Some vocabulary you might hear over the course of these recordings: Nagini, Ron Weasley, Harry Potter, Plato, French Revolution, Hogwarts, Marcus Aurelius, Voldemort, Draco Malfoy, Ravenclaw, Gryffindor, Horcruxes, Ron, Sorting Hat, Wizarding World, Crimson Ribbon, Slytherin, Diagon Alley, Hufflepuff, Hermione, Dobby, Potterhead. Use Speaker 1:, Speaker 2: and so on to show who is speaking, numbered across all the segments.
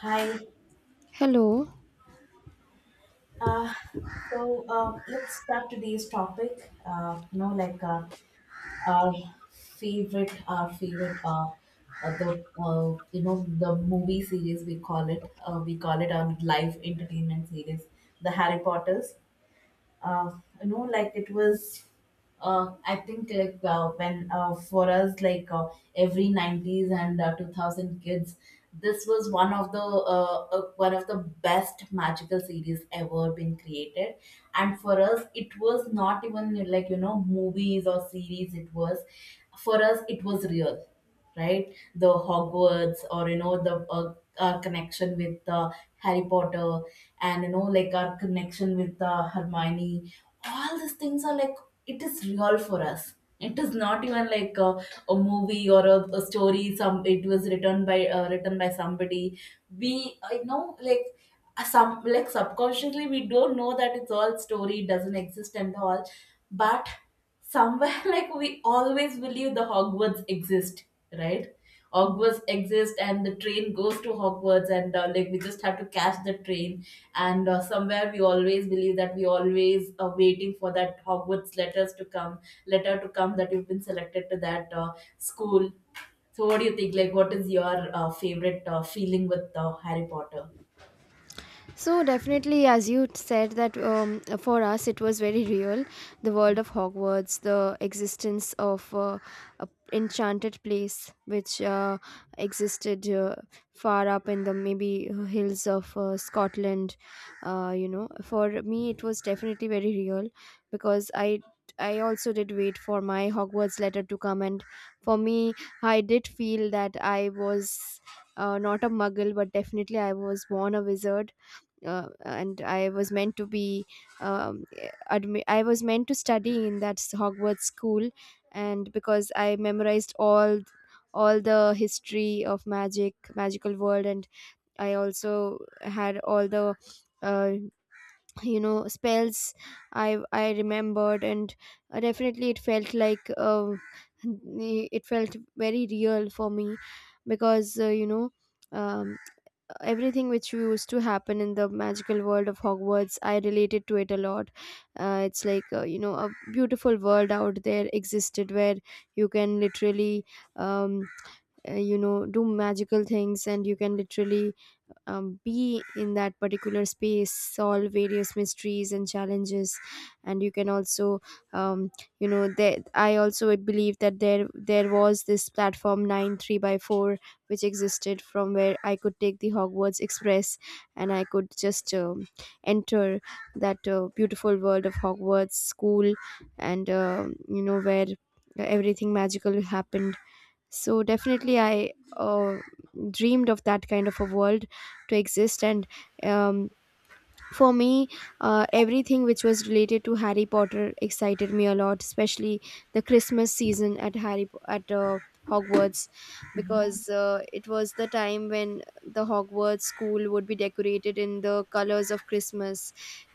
Speaker 1: Hi.
Speaker 2: Hello.
Speaker 1: Uh, so let's start today's topic. Our our favorite, the you know the movie series we call it. We call it our live entertainment series, the Harry Potter's. uh, it was, I think like when for us every nineties and 2000 kids, this was one of the best magical series ever been created, and for us it was not even like you know movies or series. It was for us it was real, right? The Hogwarts or you know the, our connection with Harry Potter, and you know like our connection with Hermione. All these things are like it is real for us. It is not even like a movie or a story. Some it was written by written by somebody. We I know like some like subconsciously we don't know that it's all story, it doesn't exist and all, but somewhere like we always believe the Hogwarts exist, right? Hogwarts exist, and the train goes to Hogwarts, and like we just have to catch the train. And somewhere we always believe that we always are waiting for that Hogwarts letters to come, letter to come, that you've been selected to that school. So what do you think? Like, what is your favorite feeling with Harry Potter?
Speaker 2: So definitely, as you said, that for us it was very real, the world of Hogwarts, the existence of a enchanted place which existed far up in the maybe hills of Scotland. For me it was definitely very real because I also did wait for my Hogwarts letter to come, and for me I did feel that I was not a muggle, but definitely I was born a wizard and I was meant to be um, I was meant to study in Hogwarts school, and because I memorized all the history of magic, magical world, and I also had all the uh, you know, spells I remembered, and definitely it felt like it felt very real for me because Um, everything which used to happen in the magical world of Hogwarts, I related to it a lot. It's like you know, a beautiful world out there existed where you can literally um, you know, do magical things, and you can literally be in that particular space, solve various mysteries and challenges, and you can also um, you know, there I also believe that there was this platform 9 3 by 4 which existed, from where I could take the Hogwarts Express, and I could just enter that beautiful world of Hogwarts school, and um, you know, where everything magical happened. So definitely I dreamed of that kind of a world to exist. And um, for me, everything which was related to Harry Potter excited me a lot, especially the Christmas season at Hogwarts,
Speaker 1: Yeah.
Speaker 2: because it was the time when the Hogwarts school would be decorated in the colors of Christmas,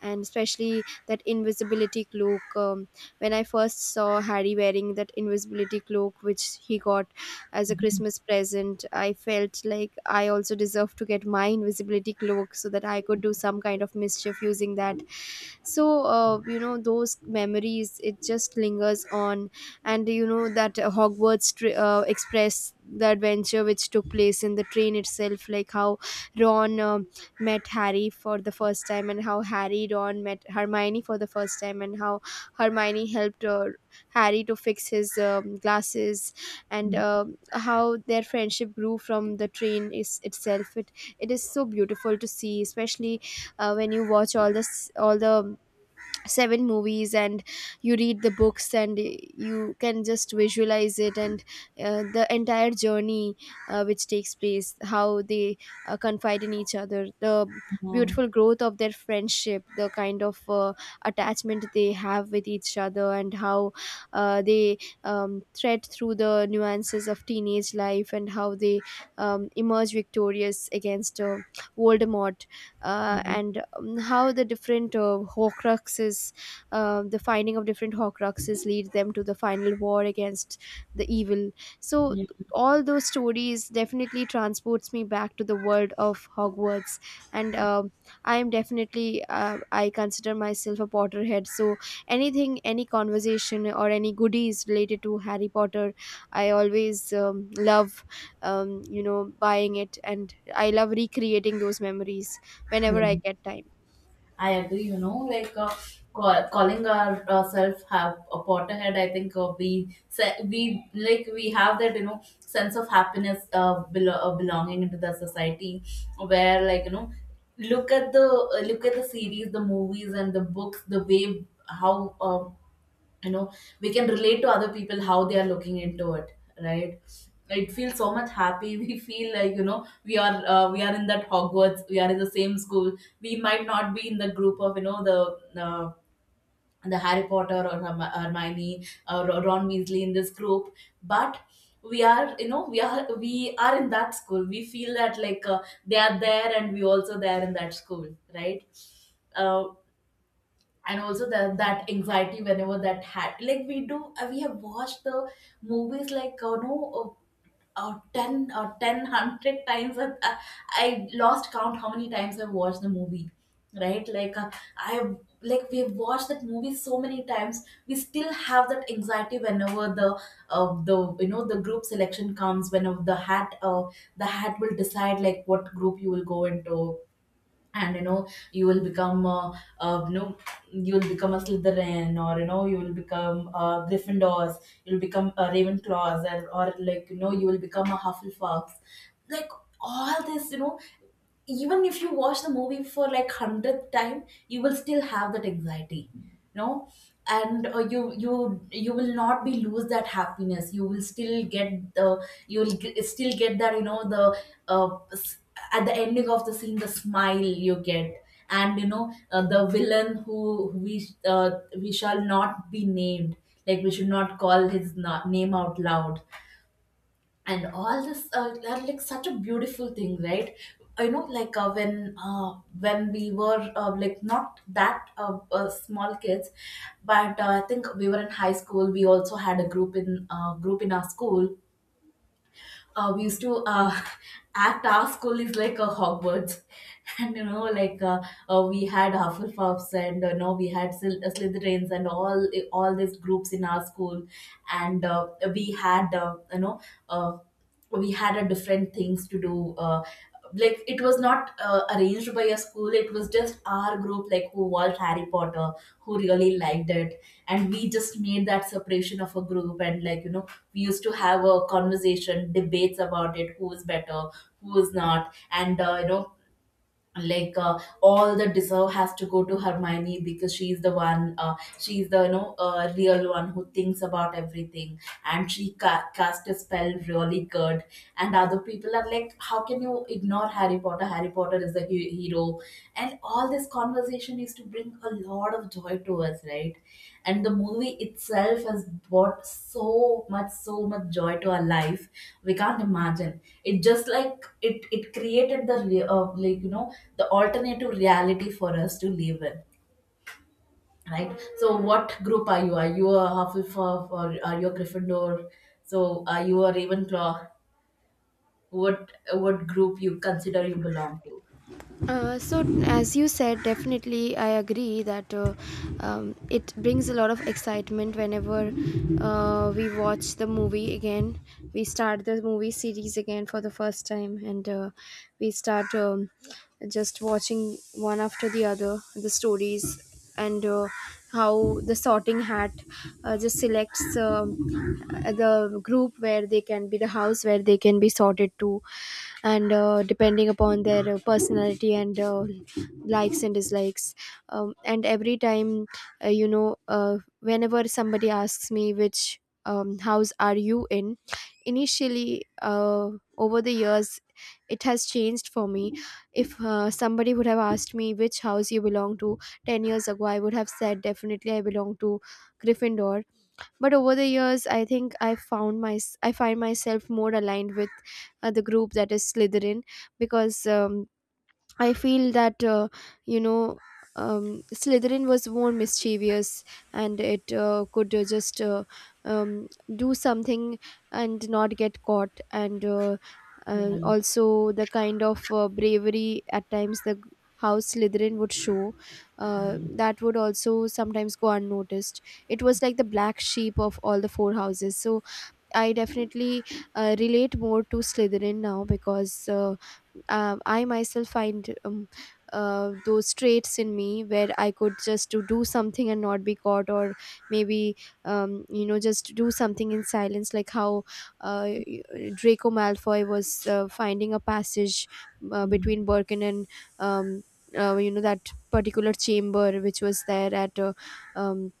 Speaker 2: and especially that invisibility cloak. When I first saw Harry wearing that invisibility cloak, which he got as a Christmas present, I felt like I also deserve to get my invisibility cloak so that I could do some kind of mischief using that. So, those memories, it just lingers on. And you know, that Express, the adventure which took place in the train itself, like how Ron met Harry for the first time, and how Ron met Hermione for the first time, and how Hermione helped Harry to fix his glasses, and how their friendship grew from the train is itself. It is so beautiful to see, especially when you watch all the seven movies, and you read the books and you can just visualize it, and the entire journey which takes place, how they confide in each other, the
Speaker 1: Yeah.
Speaker 2: beautiful growth of their friendship, the kind of attachment they have with each other, and how they thread through the nuances of teenage life, and how they emerge victorious against Voldemort, uh,
Speaker 1: Mhm.
Speaker 2: and um, how the different horcruxes, the finding of different horcruxes lead them to the final war against the evil. So
Speaker 1: Yeah.
Speaker 2: all those stories definitely transports me back to the world of Hogwarts, and I am definitely, I consider myself a potterhead. So anything, any conversation or any goodies related to Harry Potter, I always love, you know, buying it, and I love recreating those memories whenever I
Speaker 1: Yeah,
Speaker 2: get time.
Speaker 1: I agree, you know, calling ourselves have a Potterhead. I think we like we have that you know sense of happiness, belonging into the society, where like you know, look at the series, the movies, and the books, the way how you know we can relate to other people how they are looking into it, right? It feels so much happy. We feel like you know we are in that Hogwarts, we are in the same school. We might not be in the group of you know uh, the Harry Potter or Hermione or Ron Weasley in this group, but we are you know we are in that school. We feel that like they are there and we also there in that school, right? Uh, and also that that anxiety whenever that had, like we do we have watched the movies like no 10 or 1000 times, I lost count how many times I watched the movie, right? Like uh, i like we've watched that movie so many times, we still have that anxiety whenever the you know the group selection comes, whenever the hat will decide like what group you will go into, and you know you will become you know you will become a Slytherin, or you know you will become Gryffindors, you'll become a Ravenclaws, and or like you know you will become a Hufflepuff. Like all this you know, even if you watch the movie for like hundredth time, you will still have that anxiety, you know. And you you will not be lose that happiness, you will still get the, you will still get that, you know, uh, s- at the ending of the scene, the smile you get. And you know the villain who we shall not be named, like we should not call his name out loud. And all this are like such a beautiful thing, right? You know like when we were like not that small kids, but I think we were in high school. We also had a group in group in our school. We used to act our school is like a Hogwarts, and you know, like we had Hufflepuffs and no, we had Slytherins and all all these groups in our school, and we had you know. Uh, we had a different things to do, like it was not arranged by a school, it was just our group, like who watched Harry Potter, who really liked it. And we just made that separation of a group, and like you know we used to have a conversation debates about it, who is better, who is not. And you know like all the deserve has to go to Hermione because she's the one, she's the you know real one who thinks about everything, and she cast a spell really good. And other people are like how can you ignore Harry Potter, Harry Potter is the hero. And all this conversation is to bring a lot of joy to us, right? And the movie itself has brought so much so much joy to our life, we can't imagine. It just like it created the like you know the alternative reality for us to live in, right? So what group are you, are you a Hufflepuff or are you a Gryffindor? So are you a Ravenclaw? What group you consider you belong to?
Speaker 2: So as you said, definitely I agree that it brings a lot of excitement whenever we watch the movie again, we start the movie series again for the first time, and we start just watching one after the other, the stories, and how the sorting hat just selects the group where they can be, the house where they can be sorted to, and depending upon their personality and likes and dislikes. And every time, whenever somebody asks me which house are you in, initially, over the years, it has changed for me. If somebody would have asked me which house you belong to 10 years ago, I would have said definitely I belong to Gryffindor, but over the years, I think I found my I find myself more aligned with the group that is Slytherin, because I feel that you know Slytherin was more mischievous, and it could just um, do something and not get caught. And
Speaker 1: Yeah.
Speaker 2: also the kind of bravery at times, the how Slytherin would show, that would also sometimes go unnoticed. It was like the black sheep of all the four houses. So I definitely relate more to Slytherin now, because I myself find those traits in me where I could just to do something and not be caught, or maybe you know, just do something in silence, like how uh, Draco Malfoy was finding a passage
Speaker 1: Mm.
Speaker 2: between Birkin and um, you know, that particular chamber which was there at um,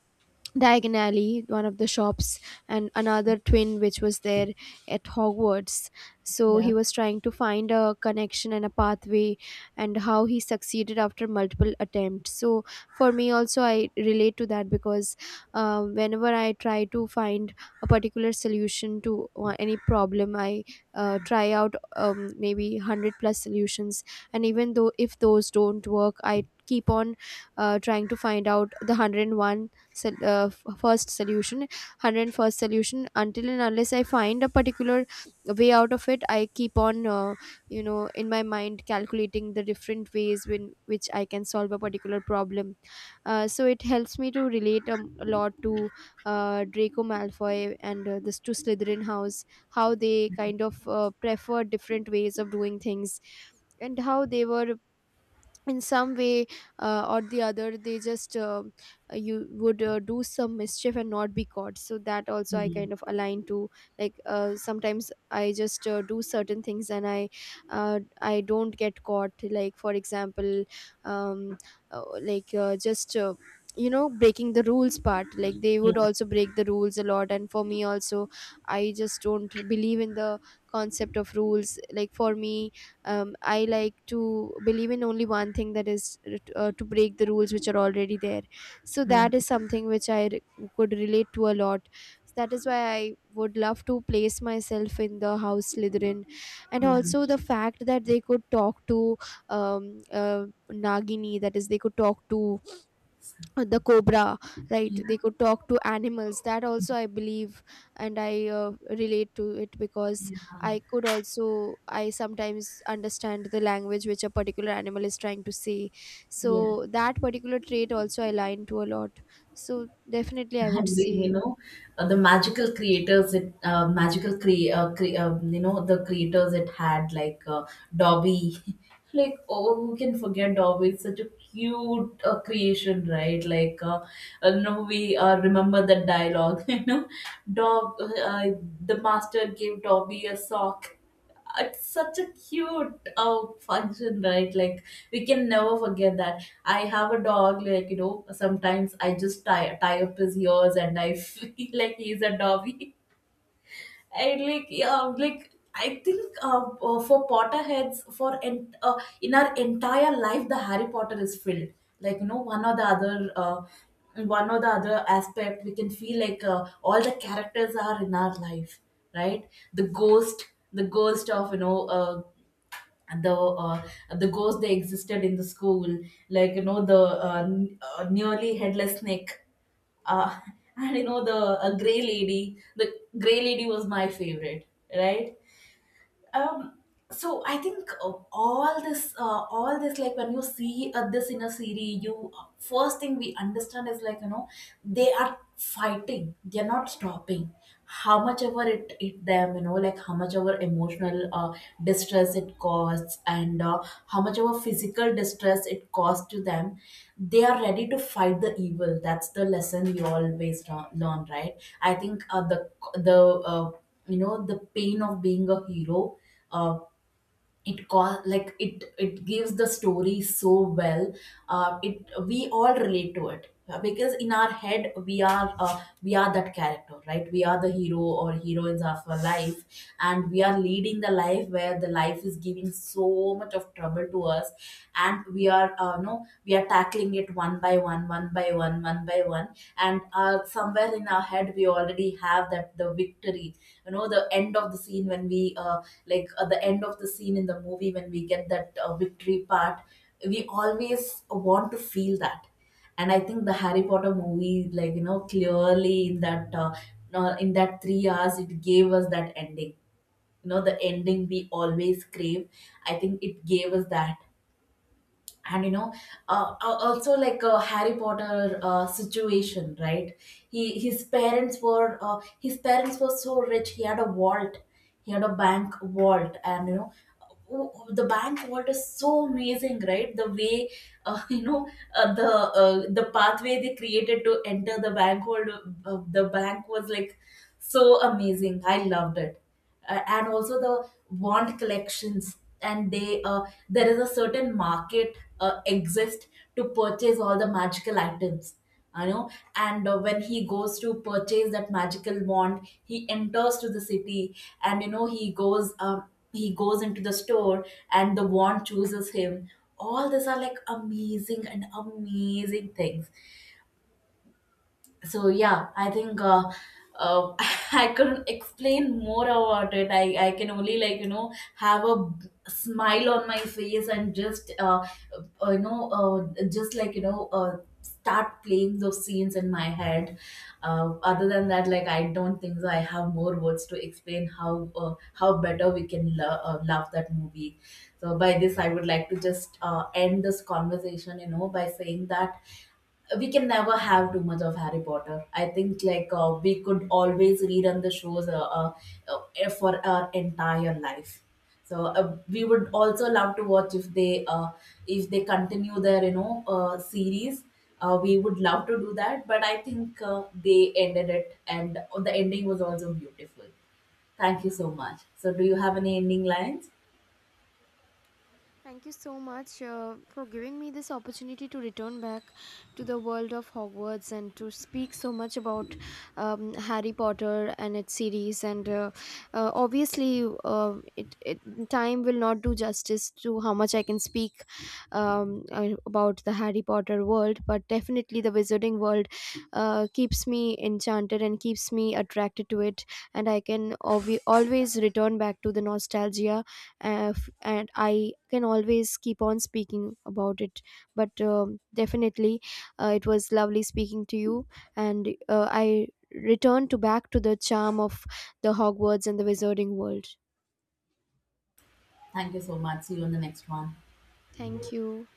Speaker 2: Diagon Alley, one of the shops, and another twin which was there at Hogwarts. So
Speaker 1: Yeah.
Speaker 2: he was trying to find a connection and a pathway, and how he succeeded after multiple attempts. So for me also, I relate to that because whenever I try to find a particular solution to any problem, I try out maybe 100 plus solutions, and even though if those don't work, I keep on trying to find out the 101 sol- uh, f- first solution 101st solution, until and unless I find a particular way out of it. I keep on you know, in my mind calculating the different ways when which I can solve a particular problem. So it helps me to relate a lot to Draco Malfoy and this to Slytherin house, how they kind of prefer different ways of doing things, and how they were in some way or the other, they just you would do some mischief and not be caught. So that also I kind of align to. Like sometimes I just do certain things and I don't get caught, like for example, um, like just you know, breaking the rules part, like they would
Speaker 1: Mm.
Speaker 2: also break the rules a lot. And for me also, I just don't believe in the concept of rules. Like for me, I like to believe in only one thing, that is, to break the rules which are already there. So
Speaker 1: Yeah.
Speaker 2: that is something which could relate to a lot. So that is why I would love to place myself in the house Slytherin. And
Speaker 1: Yes.
Speaker 2: also the fact that they could talk to um, uh, Nagini, that is, they could talk to the cobra, right?
Speaker 1: Yeah,
Speaker 2: They could talk to animals, that also I believe, and I relate to it, because
Speaker 1: yeah,
Speaker 2: I could also, I sometimes understand the language which a particular animal is trying to say. So
Speaker 1: yeah.
Speaker 2: that particular trait also I align to a lot. So definitely I would
Speaker 1: And we,
Speaker 2: say,
Speaker 1: you know, the magical creators, it magical cre cre you know, the creators it had like Dobby. Like, oh, who can forget Dobby? It's such a cute creation, right? Like, no, we remember that dialogue. You know, Dob, uh, the master gave Dobby a sock. It's such a cute function, right? Like we can never forget that. I have a dog, like you know sometimes I just tie up his ears and I feel like he's a Dobby. And like yeah, like I think for potterheads, in our entire life the Harry Potter is filled like you know one or the other one or the other aspect. We can feel like all the characters are in our life, right? The ghost, the ghost of you know the uh, the ghosts they existed in the school, like you know nearly headless snake, uh, and you know the gray lady. The gray lady was my favorite, right? Um, so I think all this all this, like when you see this in a series, you first thing we understand is like you know they are fighting, they're not stopping. How much ever it them, you know, like how much ever emotional distress it costs, and how much ever physical distress it costs to them, they are ready to fight the evil. That's the lesson we always learn, right? I think the uh, you know, the pain of being a hero, uh, like it gives the story so well. It we all relate to it, because in our head we are that character, right? We are the hero or heroines of our life, and we are leading the life where the life is giving so much of trouble to us. And we are no we are tackling it one by one, one by one, one by one. And somewhere in our head we already have that the victory, you know, the end of the scene when we the end of the scene in the movie when we get that victory part, we always want to feel that. And I think the Harry Potter movie, like you know, clearly in that 3 hours, it gave us that ending, you know, the ending we always crave. I think it gave us that. And you know also like a Harry Potter situation, right? he His parents were his parents were so rich, he had a vault. He had a bank vault, and you know the bank vault is so amazing, right? The way you know uh, the the pathway they created to enter the bank vault, the bank was like so amazing, I loved it. And also the wand collections. And they there is a certain market exist to purchase all the magical items, you know. And when he goes to purchase that magical wand, he enters to the city, and you know he goes into the store, and the wand chooses him. All these are like amazing and amazing things. So yeah, I think uh, I couldn't explain more about it. I can only, like you know, have a smile on my face, and just you know just like you know start playing those scenes in my head. Other than that, like I don't think so I have more words to explain how better we can love that movie. So by this I would like to just end this conversation, you know, by saying that we can never have too much of Harry Potter. I think like we could always rerun the shows for our entire life. So we would also love to watch if they continue their you know series. We would love to do that, but I think they ended it, and the ending was also beautiful. Thank you so much. So, do you have any ending lines?
Speaker 2: thank you so much for giving me this opportunity to return back to the world of Hogwarts and to speak so much about Harry Potter and its series. And obviously, it time will not do justice to how much I can speak about the Harry Potter world, but definitely the Wizarding world keeps me enchanted and keeps me attracted to it. And I can always return back to the nostalgia, and I can always keep on speaking about it, but definitely it was lovely speaking to you, and I return to back to the charm of the Hogwarts and the Wizarding world.
Speaker 1: Thank you so much. See you on the next one.
Speaker 2: Thank you.